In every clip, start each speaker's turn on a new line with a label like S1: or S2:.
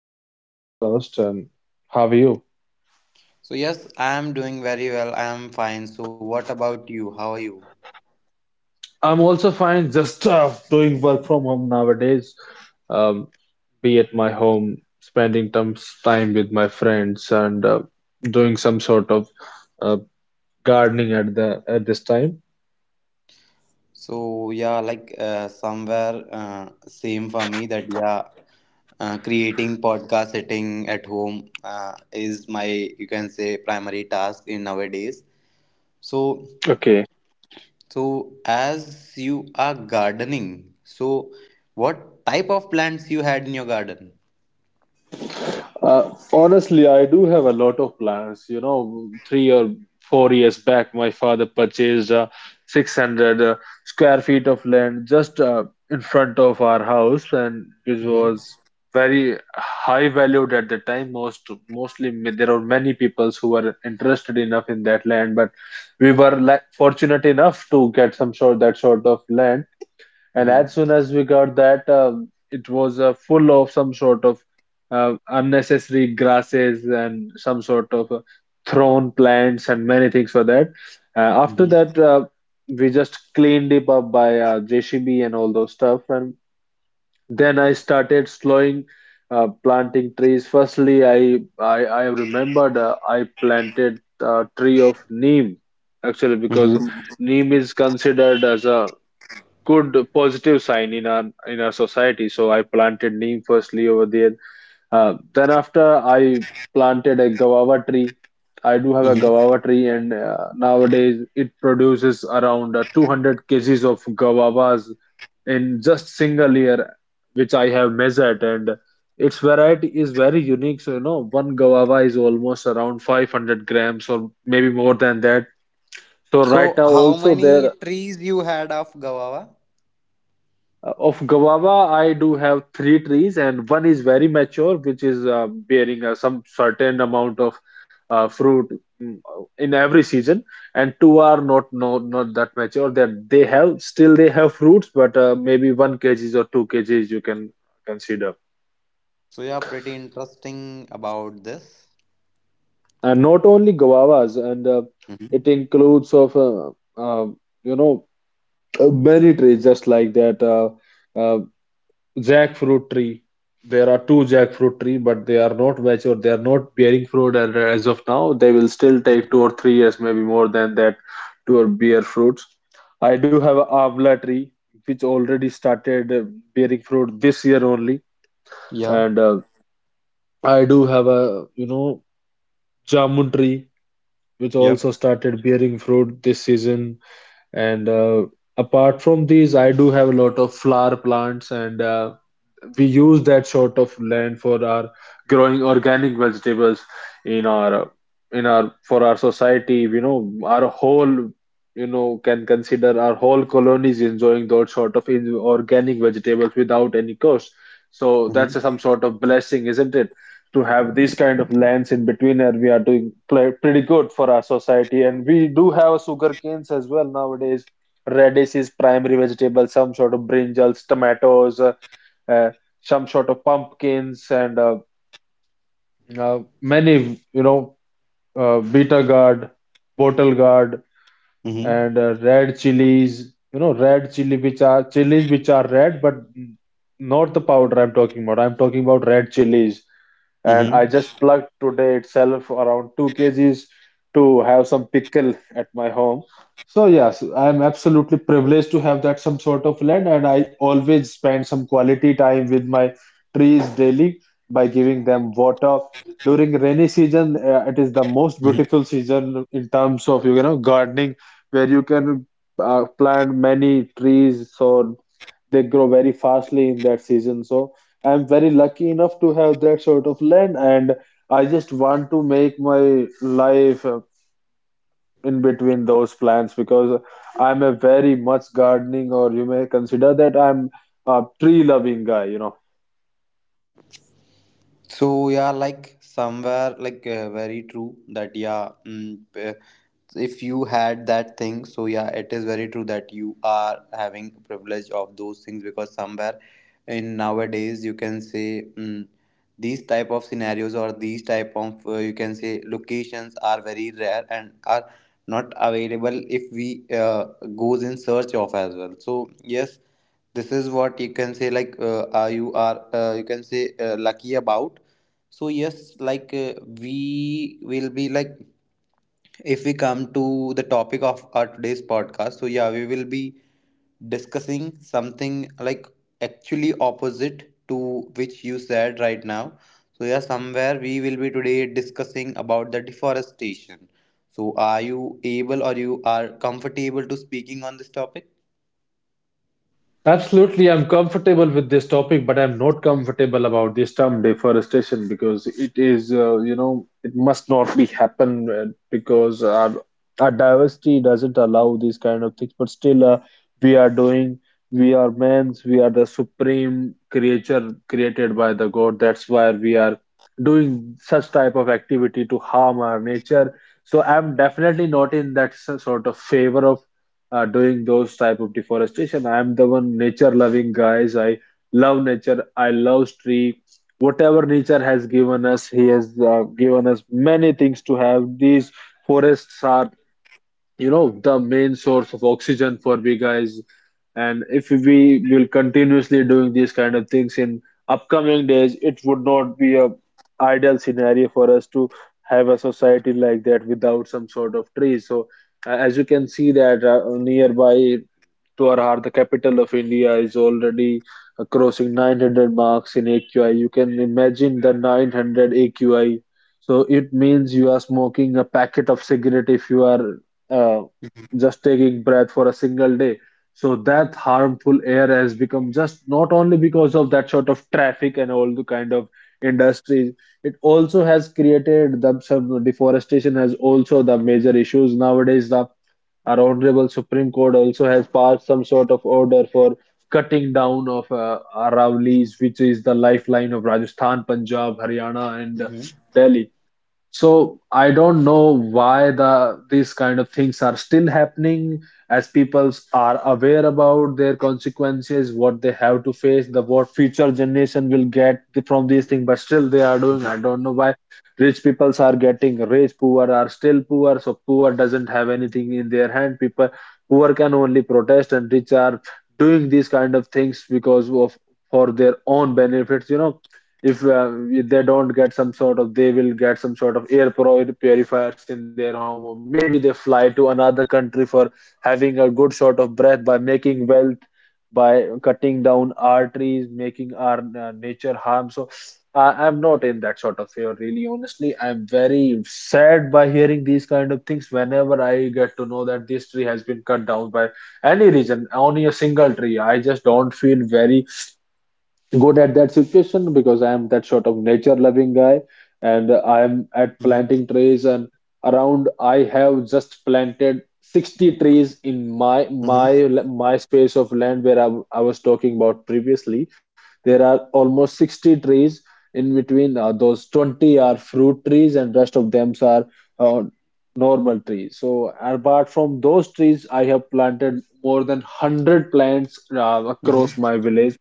S1: in your podcast. And how are you?
S2: Yes, I am doing very well. I am fine. So, what about you? How are you?
S1: I'm also fine. Just doing work from home nowadays. Um, be at my home, spending some time with my friends, and doing some sort of uh, gardening at the at this time.
S2: So, yeah, like somewhere same for me that, yeah, creating podcast sitting at home is my, you can say, primary task in nowadays. So,
S1: Okay.
S2: so as you are gardening, so what type of plants you had in your garden?
S1: Honestly, I do have a lot of plans. You know, 3 or 4 years back, my father purchased 600 square feet of land just in front of our house, and which
S2: Mm-hmm.
S1: was very high valued at the time. Mostly, there are many people who were interested enough in that land, but we were like fortunate enough to get some sort that sort of land, and
S2: Mm-hmm.
S1: as soon as we got that, it was full of some sort of unnecessary grasses and some sort of thrown plants and many things for that. Uh, after that,
S2: Mm-hmm.
S1: uh, we just cleaned it up by JCB and all those stuff. And then I started slowing planting trees. Firstly, I remembered I planted a tree of neem actually because
S2: Mm-hmm.
S1: neem is considered as a good positive sign in our society. So I planted neem firstly over there. Then after I planted a guava tree. I do have a
S2: Mm-hmm.
S1: guava tree, and nowadays it produces around 200 kgs of guavas in just single year, which I have measured. And its variety is very unique. So you know, one guava is almost around 500 grams or maybe more than that. So right
S2: So,
S1: now
S2: how
S1: also
S2: many
S1: there.
S2: trees you had of guava?
S1: Of guava, I do have three trees, and one is very mature, which is bearing some certain amount of fruit in every season, and two are not no, not that mature. That they have still they have fruits, but maybe one kgs or two kgs you can consider.
S2: So, yeah, pretty interesting about this.
S1: And not only guavas, and it
S2: Hmm.
S1: includes of uh, you know many trees just like that. Uh, Jackfruit tree. There are two jackfruit tree, but they are not mature. They are not bearing fruit and as of now. They will still take 2 or 3 years, maybe more than that, to bear fruits. I do have a amla tree, which already started bearing fruit this year only,
S2: Yeah.
S1: and I do have a jamun tree, which
S2: Yep.
S1: also started bearing fruit this season. And Apart from these, I do have a lot of flower plants and we use that sort of land for our growing organic vegetables in our in our for our society, you know, can consider our whole colonies enjoying those sort of organic vegetables without any cost. So
S2: Mm-hmm.
S1: that's some sort of blessing, isn't it, to have these kind of lands in between? And we are doing pretty good for our society, and we do have sugar canes as well. Nowadays radish is primary vegetable, some sort of brinjals, tomatoes, uh, some sort of pumpkins, and many, beta gourd, bottle gourd,
S2: Mm-hmm.
S1: and red chilies. You know, red chili, which are chilies which are red, but not the powder I'm talking about. I'm talking about red chilies, and I
S2: Mm-hmm.
S1: just plucked today itself around 2 kgs to have some pickle at my home. So yes, I'm absolutely privileged to have that some sort of land, and I always spend some quality time with my trees daily by giving them water. During rainy season, it is the most beautiful season in terms of, you know, gardening, where you can plant many trees. So they grow very fastly in that season. So I'm very lucky enough to have that sort of land, and I just want to make my life in between those plants because I'm a very much gardening, or you may consider that I'm a tree loving guy, you know.
S2: So yeah, like somewhere like very true that, yeah, if you had that thing, so yeah, it is very true that you are having privilege of those things, because somewhere in nowadays you can say, these type of scenarios or these type of you can say locations are very rare and are not available if we goes in search of as well. So yes, this is what you can say, like you are you can say lucky about. So yes, like we will be like, if we come to the topic of our today's podcast, so yeah, we will be discussing something like actually opposite to which you said right now. So yeah, somewhere we will be today discussing about the deforestation. So are you able, or you are comfortable to speaking on this topic?
S1: Absolutely, I'm comfortable with this topic, but I'm not comfortable about this term deforestation because it is, you know, it must not be happen because our diversity doesn't allow these kind of things. But still, we are doing, we are men's, we are the supreme creature created by the God. That's why we are doing such type of activity to harm our nature. So I'm definitely not in that sort of favor of doing those type of deforestation. I'm the one nature loving guys. I love nature. I love tree. Whatever nature has given us, he has given us many things to have. These forests are, you know, the main source of oxygen for we guys, and if we will continuously doing these kind of things in upcoming days, it would not be a ideal scenario for us to have a society like that without some sort of trees. So as you can see that nearby Twarhar, the capital of India, is already crossing 900 marks in AQI. You can imagine the 900 AQI. So it means you are smoking a packet of cigarette if you are uh,
S2: Mhm.
S1: just taking breath for a single day. So that harmful air has become just not only because of that sort of traffic and all the kind of industries, it also has created the some deforestation has also the major issues nowadays. The our Honorable Supreme Court also has passed some sort of order for cutting down of Aravallis, which is the lifeline of Rajasthan, Punjab, Haryana, and
S2: Mhm.
S1: Delhi. So I don't know why these kind of things are still happening as people are aware about their consequences, what they have to face, the what future generation will get from these things, but still they are doing.
S2: Mhm.
S1: I don't know why rich peoples are getting rich, poor are still poor, so poor doesn't have anything in their hand. People poor can only protest and rich are doing these kind of things because of for their own benefits, you know. If they don't get some sort of, they will get some sort of air purifiers in their home, or maybe they fly to another country for having a good sort of breath by making wealth by cutting down our trees, making our nature harm. So I, I'm not in that sort of favor. Really, honestly, I'm very sad by hearing these kind of things. Whenever I get to know that this tree has been cut down by any reason, only a single tree, I just don't feel very good at that situation because I am that sort of nature loving guy, and I am at
S2: Mhm.
S1: planting trees. And around, I have just planted 60 trees in
S2: Mm-hmm.
S1: my space of land where I was talking about previously. There are almost 60 trees in between. Those 20 are fruit trees and rest of them are uh, normal trees. So apart from those trees, I have planted more than 100 plants across
S2: Mm-hmm.
S1: my village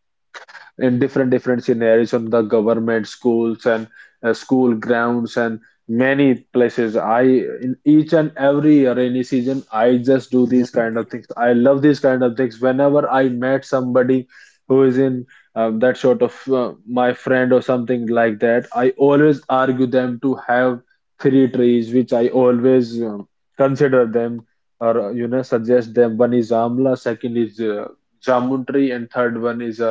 S1: in different different scenarios on the government schools and school grounds and many places. I In each and every rainy season, I just do these kind
S2: Hmm.
S1: of things. I love these kind of things. Whenever I met somebody who is in that sort of my friend or something like that, I always argue them to have three trees which I always consider them or you know suggest them. One is amla, second is jamun tree, and third one is a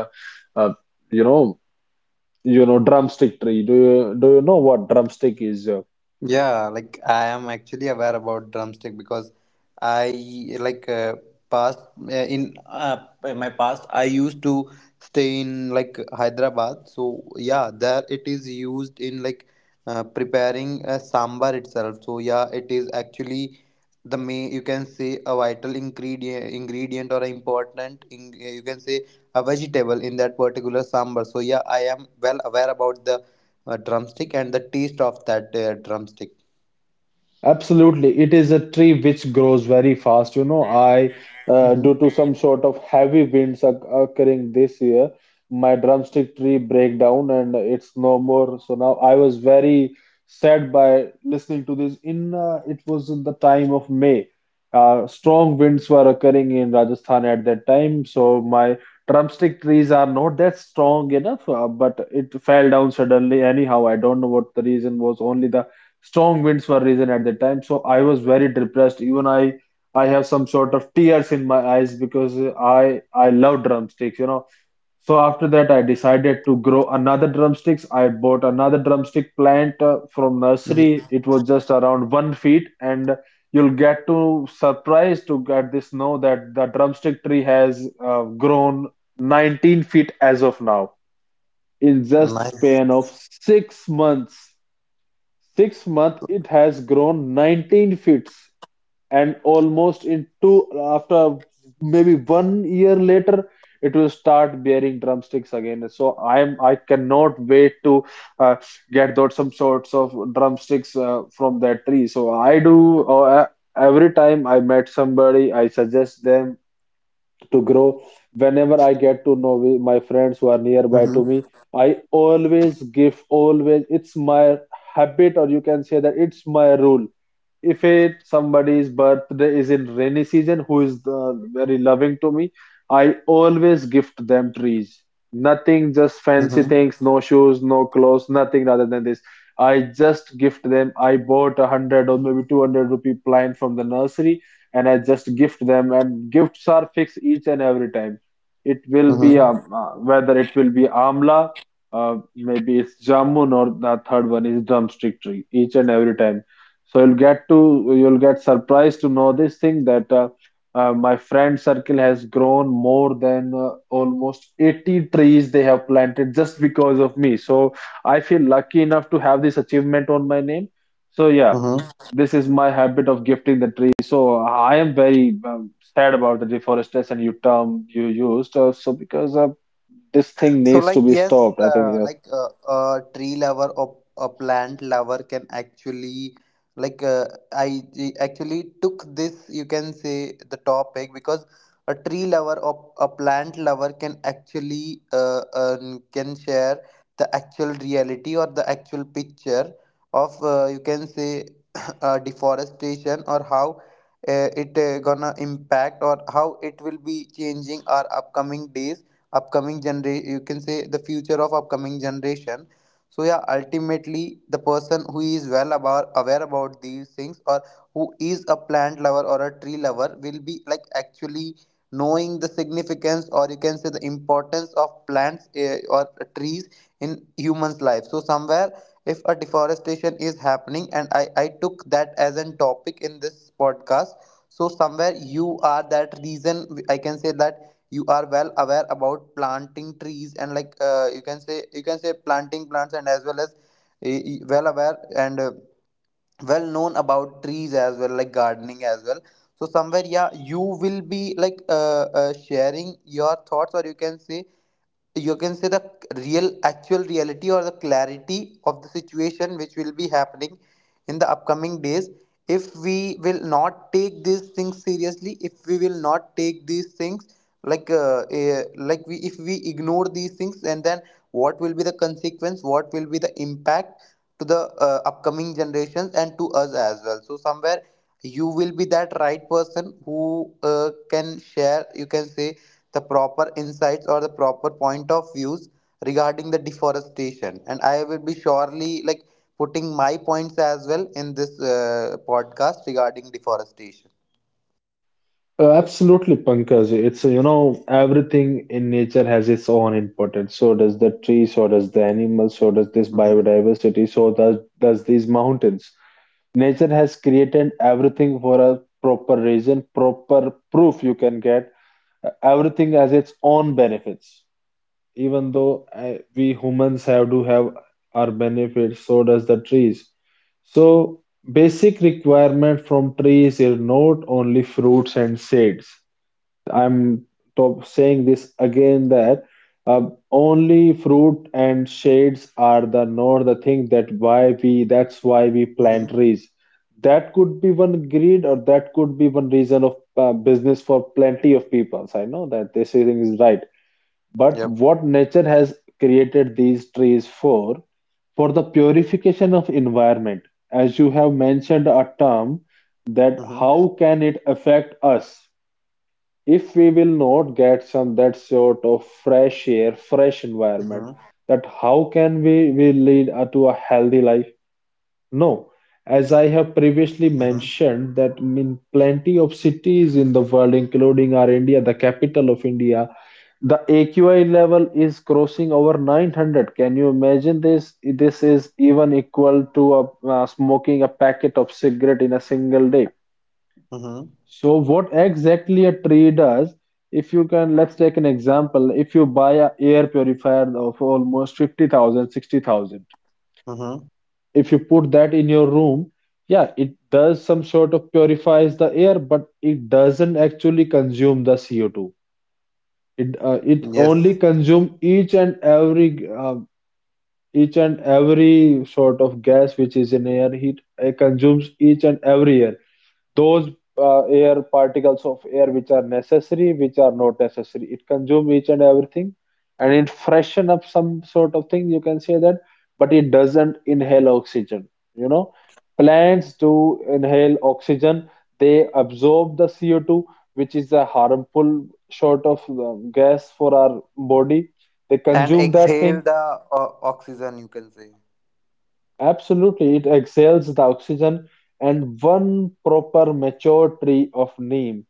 S1: a you know, you know, drumstick tree. Do you know what drumstick is?
S2: Yeah, like I am actually aware about drumstick, because I like past in my past I used to stay in like Hyderabad. So yeah, there it is used in like preparing a sambar itself. So yeah, it is actually the main, you can say, a vital ingredient or important in, you can say, a vegetable in that particular sambar. So yeah, I am well aware about the a drumstick and the taste of that drumstick.
S1: Absolutely. It is a tree which grows very fast. You know, due
S2: Mm-hmm.
S1: to some sort of heavy winds occurring this year, my drumstick tree break down and it's no more. So now I was very sad by listening to this. In It was in the time of May. Strong winds were occurring in Rajasthan at that time, so my drumstick trees are not that strong enough, but it fell down suddenly. Anyhow, I don't know what the reason was. Only the strong winds were reason at the time. So I was very depressed. Even I have some sort of tears in my eyes because I love drumsticks, you know. So after that, I decided to grow another drumsticks. I bought another drumstick plant from nursery.
S2: Mm-hmm.
S1: It was just around 1 feet, and you'll get to surprise to get this know that the drumstick tree has grown 19 feet as of now in just
S2: Nice.
S1: span of 6 months. 6 months it has grown 19 feet, and almost in two, after, maybe 1 year later, it will start bearing drumsticks again. So I am, I cannot wait to uh, get those some sorts of drumsticks from that tree. So I do every time I met somebody I suggest them to grow. Whenever I get to know with my friends who are nearby to
S2: Mm-hmm.
S1: me, I always give, always, it's my habit, or you can say that it's my rule if it somebody's birthday is in rainy season who is very loving to me. I always gift them trees, nothing just fancy
S2: Mm-hmm.
S1: things, no shoes, no clothes, nothing rather than this. I just gift them. I bought a hundred or maybe 200 rupee plant from the nursery and I just gift them, and gifts are fixed. Each and every time it will be
S2: Mm-hmm.
S1: whether it will be amla, maybe it's jamun, or the third one is drumstick tree. Each and every time, so you'll get surprised to know this thing that my friend circle has grown more than almost 80 trees they have planted just because of me. So I feel lucky enough to have this achievement on my name. So yeah,
S2: Mm-hmm.
S1: this is my habit of gifting the tree. So I am very sad about the deforestation you used. So because this thing
S2: So,
S1: needs to
S2: like,
S1: be
S2: yes,
S1: stopped, I think. Yes.
S2: like a tree lover or a plant lover can actually, like, uh, I actually took this, you can say, the topic, because a tree lover or a plant lover can actually can share the actual reality or the actual picture of, you can say, deforestation or how it gonna impact, or how it will be changing our upcoming days, upcoming generation, you can say the future of upcoming generation. So yeah, ultimately the person who is well about aware about these things, or who is a plant lover or a tree lover, will be like actually knowing the significance, or you can say the importance of plants, or trees in humans life. So somewhere, if a deforestation is happening, and I took that as an topic in this podcast, so somewhere you are that reason, I can say that you are well aware about planting trees, and like you can say, planting plants, and as well aware and well known about trees as well, like gardening as well. So somewhere, yeah, you will be like sharing your thoughts, or you can say, the real actual reality or the clarity of the situation which will be happening in the upcoming days, if we will not take these things seriously, if we will not take these things like we, if we ignore these things, and then what will be the consequence, what will be the impact to the upcoming generations and to us as well. So somewhere, you will be that right person who can share, you can say, the proper insights or the proper point of views regarding the deforestation. And I will be surely like putting my points as well in this podcast regarding deforestation.
S1: Absolutely, Pankaj. It's, you know, everything in nature has its own importance. So does the tree, so does the animals, so does this
S2: Mm-hmm.
S1: biodiversity, so does these mountains. Nature has created everything for a proper reason, proper proof you can get. Everything has its own benefits. Even though we humans have to have our benefits, so does the trees. So basic requirement from trees are not only fruits and seeds. I'm top saying this again that only fruit and shades are the not the thing that why we that's why we plant
S2: Mm-hmm.
S1: trees. That could be one greed or that could be one reason of business for plenty of people. I know that this thing is right. But
S2: Yep.
S1: what nature has created these trees for the purification of environment, as you have mentioned a term that
S2: Mm-hmm.
S1: how can it affect us? If we will not get some that sort of fresh air, fresh environment,
S2: Mm-hmm.
S1: that how can we lead to a healthy life? No. As I have previously
S2: Mm-hmm.
S1: mentioned, that in plenty of cities in the world, including our India, the capital of India, the AQI level is crossing over 900. Can you imagine this? This is even equal to a, smoking a packet of cigarette in a single day.
S2: Mm-hmm.
S1: So what exactly a tree does, if you can, let's take an example. If you buy a air purifier of almost 50,000, 60,000.
S2: Mm-hmm.
S1: If you put that in your room, yeah, it does some sort of purifies the air, but it doesn't actually consume the CO2. It only
S2: Yes.
S1: consume each and every sort of gas which is in air. It consumes each and every air, those air particles of air which are necessary, which are not necessary, it consumes each and everything, and it freshen up some sort of thing, you can say that. But it doesn't inhale oxygen, you know. Plants do inhale oxygen. They absorb the co2, which is a harmful sort of gas for our body. They
S2: And
S1: consume that
S2: exhale
S1: thing.
S2: the oxygen, you can say.
S1: Absolutely, it exhales the oxygen. And one proper mature tree of neem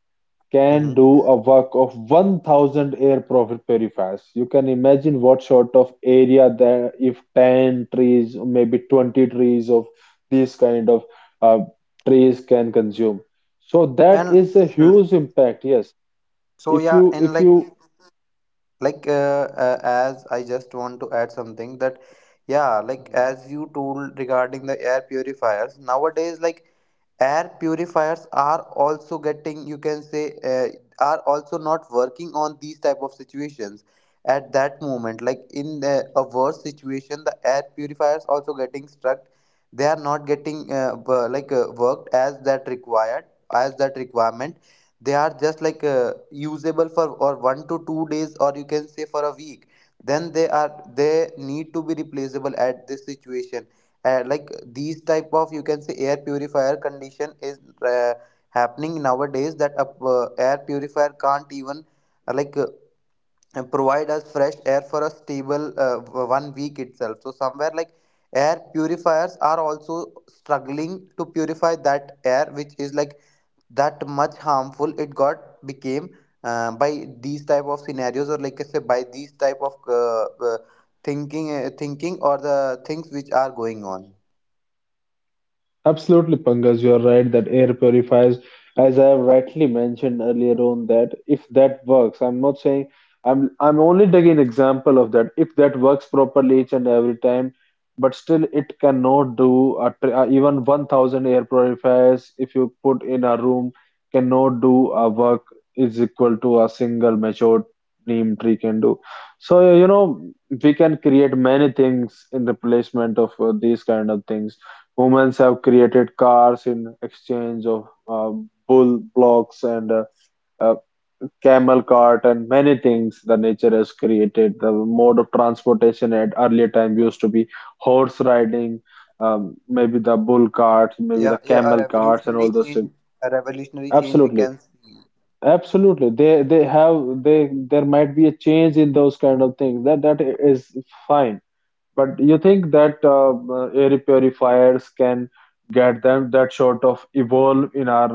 S1: can do
S2: Mm-hmm.
S1: a work of 1000 air profit very. You can imagine what sort of area there if 10 trees, maybe 20 trees of these kind of uh, trees can consume. So that
S2: And
S1: is a
S2: uh,
S1: huge impact, yes.
S2: so yeah. And
S1: If
S2: like
S1: you
S2: like as I just want to add something that, yeah, like,
S1: Mhm.
S2: as you told regarding the air purifiers nowadays, like, air purifiers are also getting, you can say, are also not working on these type of situations at that moment. Like, in a worse situation, the air purifiers also getting stuck. They are not getting like worked as that required, as that requirement. They are just like usable for or 1 to 2 days, or you can say for a week. Then they are, they need to be replaceable at this situation. Like these type of, you can say, air purifier condition is uh, happening nowadays, that a air purifier can't even like provide us fresh air for a stable 1 week itself. So somewhere like air purifiers are also struggling to purify that air which is like that much harmful it got became by these type of scenarios, or like I say, by these type of uh, thinking or the things which are going on.
S1: Absolutely, Pankaj, you are right that air purifiers, as I have rightly mentioned earlier on, that if that works, I'm not saying, I'm only taking example of that. If that works properly each and every time, but still it cannot do a, even 1,000 air purifiers if you put in a room cannot do a work is equal to a single matured neem tree can do. So you know we can create many things in replacement of these kind of things. Humans have created cars in exchange of bull blocks and uh, camel cart, and many things the nature has created. The mode of transportation at earlier time used to be horse riding, maybe the bull carts, maybe
S2: Yeah,
S1: the
S2: yeah,
S1: camel carts, and all those things.
S2: a revolutionary change we
S1: Absolutely,
S2: can see.
S1: absolutely. They there might be a change in those kind of things. That that is fine. But you think that air purifiers can get them that sort of evolve in our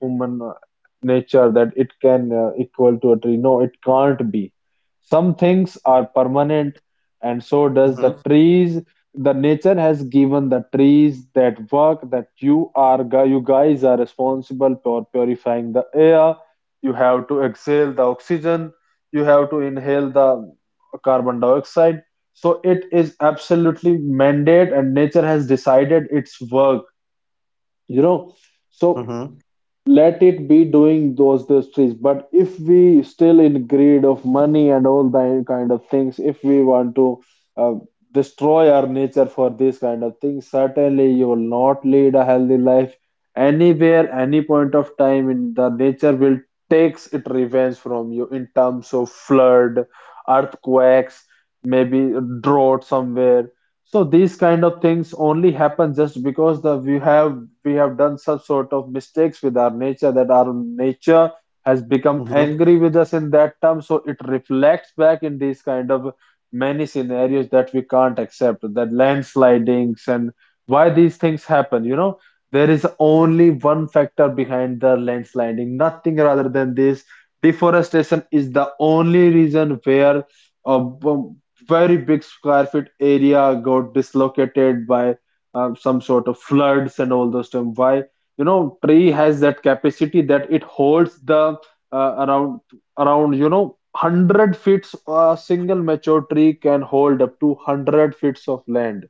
S1: human nature that it can equal to a tree? No, it can't be. Some things are permanent, and so does the
S2: Mm-hmm.
S1: trees. The nature has given the trees that work that you guys are responsible for purifying the air. You have to exhale the oxygen. You have to inhale the carbon dioxide, so it is absolutely mandate, and nature has decided its work, you know. So
S2: Mm-hmm.
S1: let it be doing those trees. But if we still in greed of money and all that kind of things, if we want to uh, destroy our nature for this kind of things, certainly you will not lead a healthy life. Anywhere, any point of time, in the nature will takes it revenge from you in terms of flood, earthquakes, maybe drought somewhere. So these kind of things only happen just because the we have, we have done some sort of mistakes with our nature that our nature has become angry with us in that term. So it reflects back in these kind of many scenarios that we can't accept, that landslidings, and why these things happen. You know, there is only one factor behind the landsliding, nothing rather than this. Deforestation is the only reason where uh, very big square feet area got dislocated by some sort of floods and all those stuff. Why, you know, tree has that capacity that it holds the uh, around around you know 100 feet, a single mature tree can hold up to 100 feet of land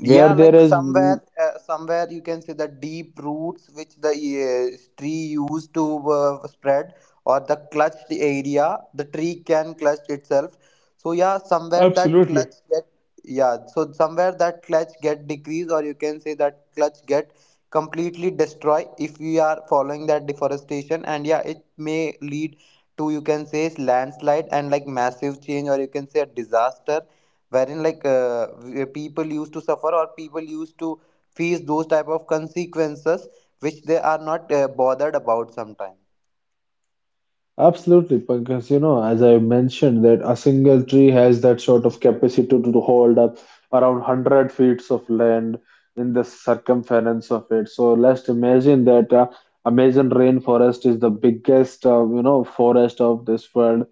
S1: where
S2: Yeah,
S1: there
S2: like
S1: is.
S2: somewhere, somewhere you can see the deep roots which the tree used to spread, or the clutched area the tree can clutch itself. So yeah, somewhere that
S1: Absolutely.
S2: clutch get, yeah, so somewhere that clutch get decrease, or you can say that clutch get completely destroy if we are following that deforestation. And yeah, it may lead to, you can say, landslide and like massive change, or you can say a disaster, wherein like people used to suffer or people used to face those type of consequences which they are not bothered about sometime.
S1: Absolutely, because you know, as I mentioned, that a single tree has that sort of capacity to hold up around 100 feet of land in the circumference of it. So let's imagine that Amazon rainforest is the biggest, you know, forest of this world.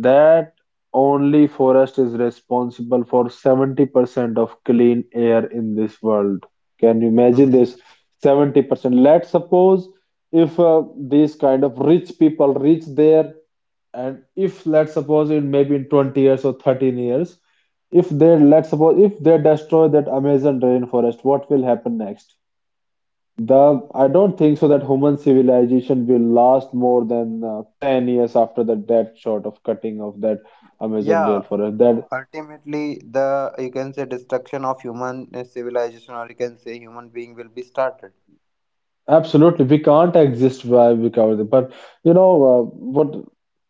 S1: That only forest is responsible for 70% of clean air in this world. Can you imagine this?
S2: Hmm.
S1: 70%. Let's suppose if these kind of rich people reach there, and if let's suppose in maybe in 20 years or 13 years, if they, let's suppose if they destroy that amazon rainforest, what will happen next? The I don't think so that human civilization will last more than 10 years after the that short of cutting of that amazon
S2: Yeah,
S1: rainforest that.
S2: ultimately the, you can say, destruction of human civilization, or you can say human being will be started.
S1: Absolutely, we can't exist by without it. But you know what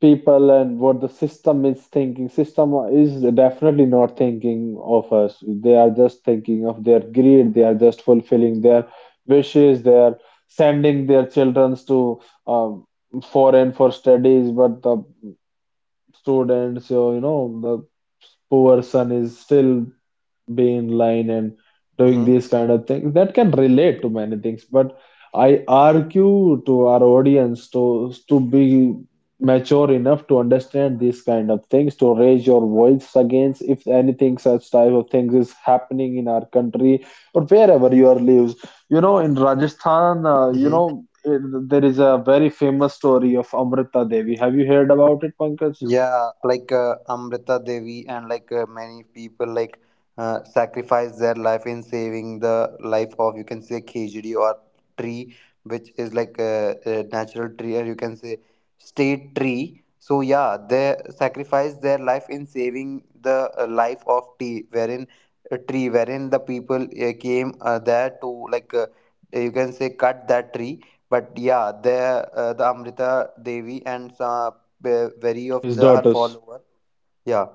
S1: people and what the system is thinking. System is definitely not thinking of us. They are just thinking of their greed. They are just fulfilling their wishes. They are sending their children to um, foreign for studies, but the students, you know, the poor son is still being line and doing these kind of things that can relate to many things. But I argue to our audience to be mature enough to understand these kind of things, to raise your voice against if anything such type of things is happening in our country or wherever you are lives, you know, in rajasthan, you
S2: Hmm.
S1: know, there is a very famous story of amrita devi. Have you heard about it, Pankaj?
S2: Yeah, like Amrita Devi and like many people like sacrifice their life in saving the life of, you can say, khejdi or tree, which is like a natural tree, or you can say state tree. So yeah, they sacrifice their life in saving the life of tea, wherein a tree, wherein the people came there to like you can say cut that tree. But yeah, there the Amrita Devi and some where very of
S1: His
S2: the, her
S1: daughters.
S2: follower. Yeah,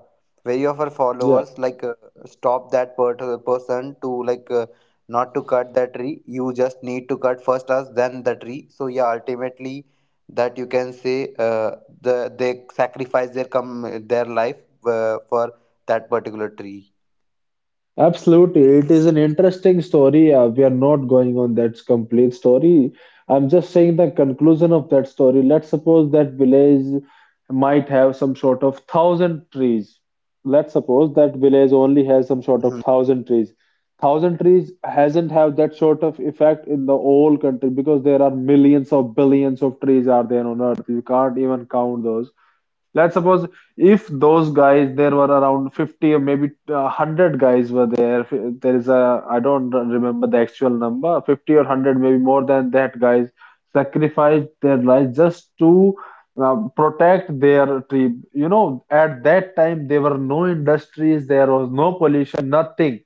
S2: very of her
S1: Yeah.
S2: followers like stop that person to like not to cut that tree, you just need to cut first us then the tree. So yeah, ultimately that, you can say, uh, the they sacrifice their come, their life for that particular tree.
S1: Absolutely. It is an interesting story. We are not going on that complete story. I'm just saying the conclusion of that story. Let's suppose that village might have some sort of thousand trees. Let's suppose that village only has some sort of
S2: Mm-hmm.
S1: thousand trees. Thousand trees hasn't have that sort of effect in the whole country, because there are millions of billions of trees are there on earth. You can't even count those. Let's suppose if those guys, there were around 50 or maybe 100 guys were there. There is a, I don't remember the actual number, 50 or 100, maybe more than that, guys sacrificed their lives just to protect their tribe. You know, at that time, there were no industries, there was no pollution, nothing.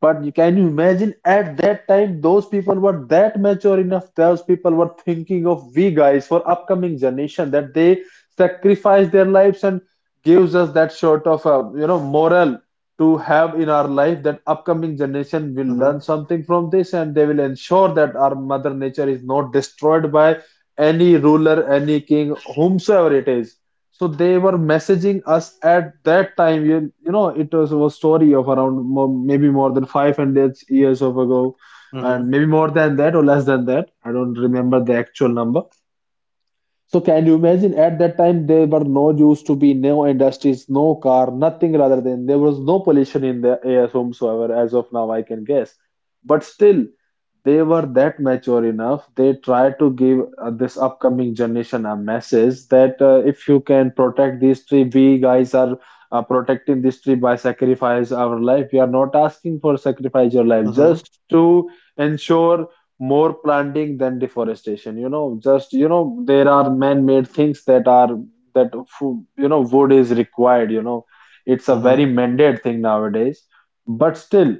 S1: But can you imagine at that time, those people were that mature enough, those people were thinking of we guys for upcoming generation that they sacrifice their lives and gives us that sort of moral to have in our life, that upcoming generation will learn
S2: Mm-hmm.
S1: something from this and they will ensure that our mother nature is not destroyed by any ruler, any king, whomsoever it is. So they were messaging us at that time. You know, it was a story of maybe more than 500 years of ago,
S2: Mm-hmm.
S1: and maybe more than that or less than that. I don't remember the actual number. So can you imagine at that time there were used to be no industries, no car, nothing, rather than there was no pollution in the air whomsoever, as of now I can guess. But still, they were that mature enough. They tried to give this upcoming generation a message that, if you can protect this tree, we guys are protecting this tree by sacrifice our life. We are not asking for sacrifice your life,
S2: Mm-hmm.
S1: just to ensure more planting than deforestation, you know, there are man-made things that are that, wood is required, you know. It's a very
S2: Mm-hmm.
S1: mandate thing nowadays, but still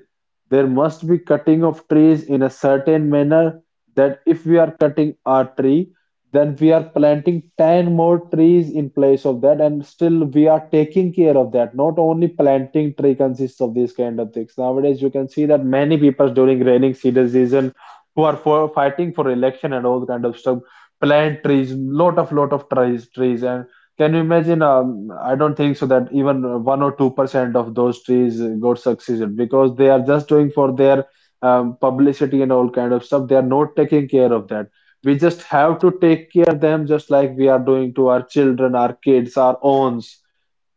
S1: there must be cutting of trees in a certain manner, that if we are cutting a tree, then we are planting 10 more trees in place of that, and still we are taking care of that. Not only planting tree consists of these kind of things nowadays. You can see that many people during raining season, who are for fighting for election and all kind of stuff, plant trees, lot of lot of trees, and can you imagine, I don't think so that even 1 or 2 percent of those trees got succeeded, because they are just doing for their publicity and all kind of stuff. They are not taking care of that. We just have to take care of them just like we are doing to our children, our kids, our owns.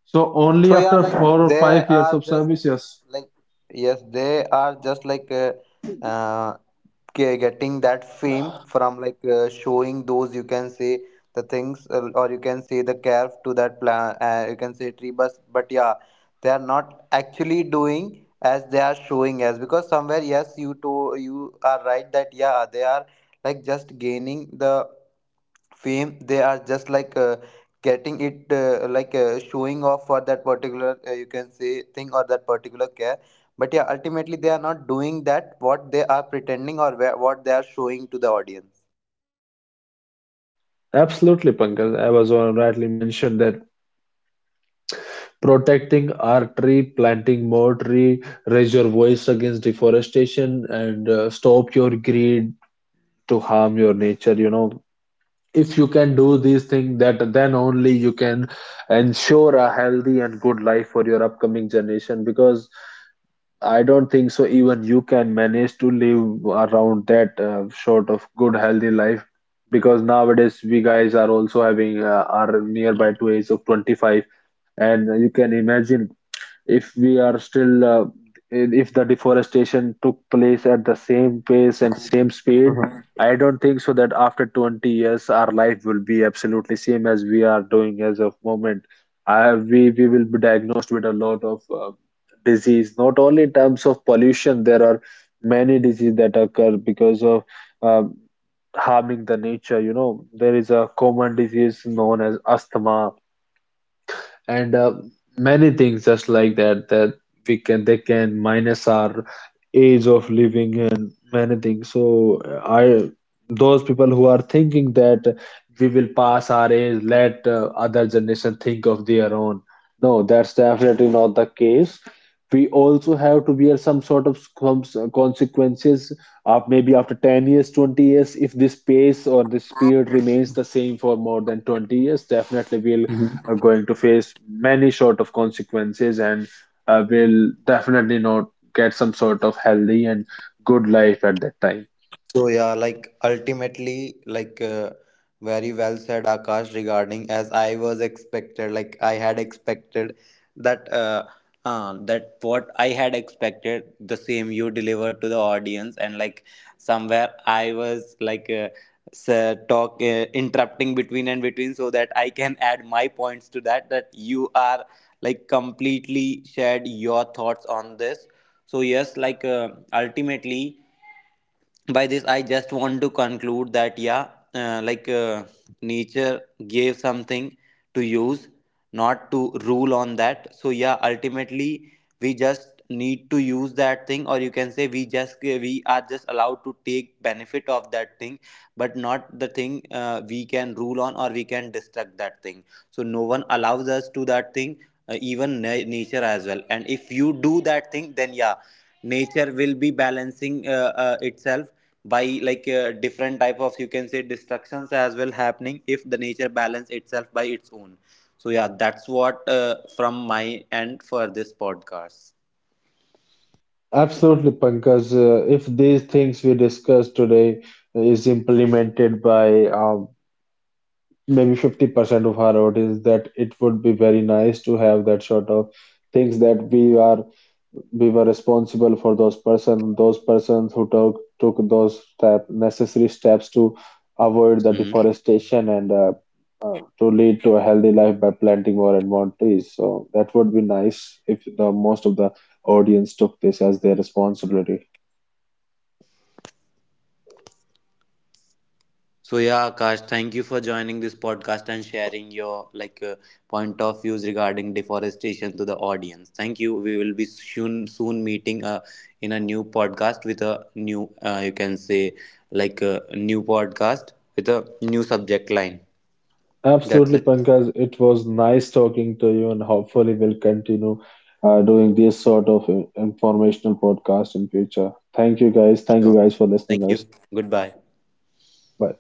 S1: So
S2: So
S1: only
S2: yeah,
S1: after
S2: like
S1: four or
S2: they
S1: five years
S2: are
S1: of
S2: just
S1: service. Yes,
S2: like, yes, they are just like uh, getting that fame from like showing those, you can say, the things or you can say the calf to that plant. You can say tree. But yeah, they are not actually doing as they are showing as, because somewhere, yes, you are right that yeah they are like just gaining the fame. They are just like getting it, like showing off for that particular you can say thing or that particular care. But yeah, ultimately they are not doing that what they are pretending, or where, what they are showing to the audience.
S1: absolutely, Pankaj. I was on rightly mentioned that. Protecting our tree, planting more tree, raise your voice against deforestation, and stop your greed to harm your nature, you know. If you can do these things, that then only you can ensure a healthy and good life for your upcoming generation. Because I don't think so even you can manage to live around that sort of good healthy life, because nowadays we guys are also having are nearby to age of 25. And you can imagine, if we are still if the deforestation took place at the same pace and same speed, I don't think so that after 20 years our life will be absolutely same as we are doing as of moment. We will be diagnosed with a lot of disease. Not only in terms of pollution, there are many disease that occur because of um harming the nature, you know. There is a common disease known as asthma, and many things just like that, that we can they can minus our age of living and many things. So I those people who are thinking that we will pass our age, let other generation think of their own, no, that's definitely not the case. We also have to bear some sort of consequences, maybe after 10 years, 20 years, if this pace or this speed remains the same for more than 20 years, definitely we'll are going to face many sort of consequences, and will definitely not get some sort of healthy and good life at that time.
S2: So yeah, like ultimately, like very well said, Akash, regarding as I was expected, like I had expected that that what I had expected, the same you delivered to the audience. And like somewhere I was like s- talk interrupting between and between so that I can add my points to that. That you are like completely shared your thoughts on this. So yes, like ultimately by this I just want to conclude that, yeah, like nature gave something to use, not to rule on that. So yeah, ultimately we just need to use that thing, or you can say we just we are just allowed to take benefit of that thing, but not the thing we can rule on or we can destruct that thing. So no one allows us to that thing, even nature as well. And if you do that thing, then yeah, nature will be balancing itself by like different type of, you can say, destructions as well happening if the nature balance itself by its own. So yeah, that's what from my end for this podcast.
S1: Absolutely, Pankaj. If these things we discussed today is implemented by maybe 50% of our road, is that it would be very nice to have that sort of things, that we were responsible for those persons who took those step necessary steps to avoid the
S2: Hmm.
S1: deforestation, and to lead to a healthy life by planting more and more trees. So that would be nice if the most of the audience took this as their responsibility.
S2: So yeah, Akash, thank you for joining this podcast and sharing your like point of views regarding deforestation to the audience. Thank you. We will be soon meeting in a new podcast with a new you can say, like a new podcast with a new subject line. That's
S1: Absolutely,
S2: it.
S1: Pankaj. It was nice talking to you, and hopefully, we'll continue doing this sort of informational podcast in future. Thank you, guys. Thank you,
S2: Sure.
S1: guys, for
S2: Thank
S1: listening us.
S2: you. Goodbye.
S1: Bye.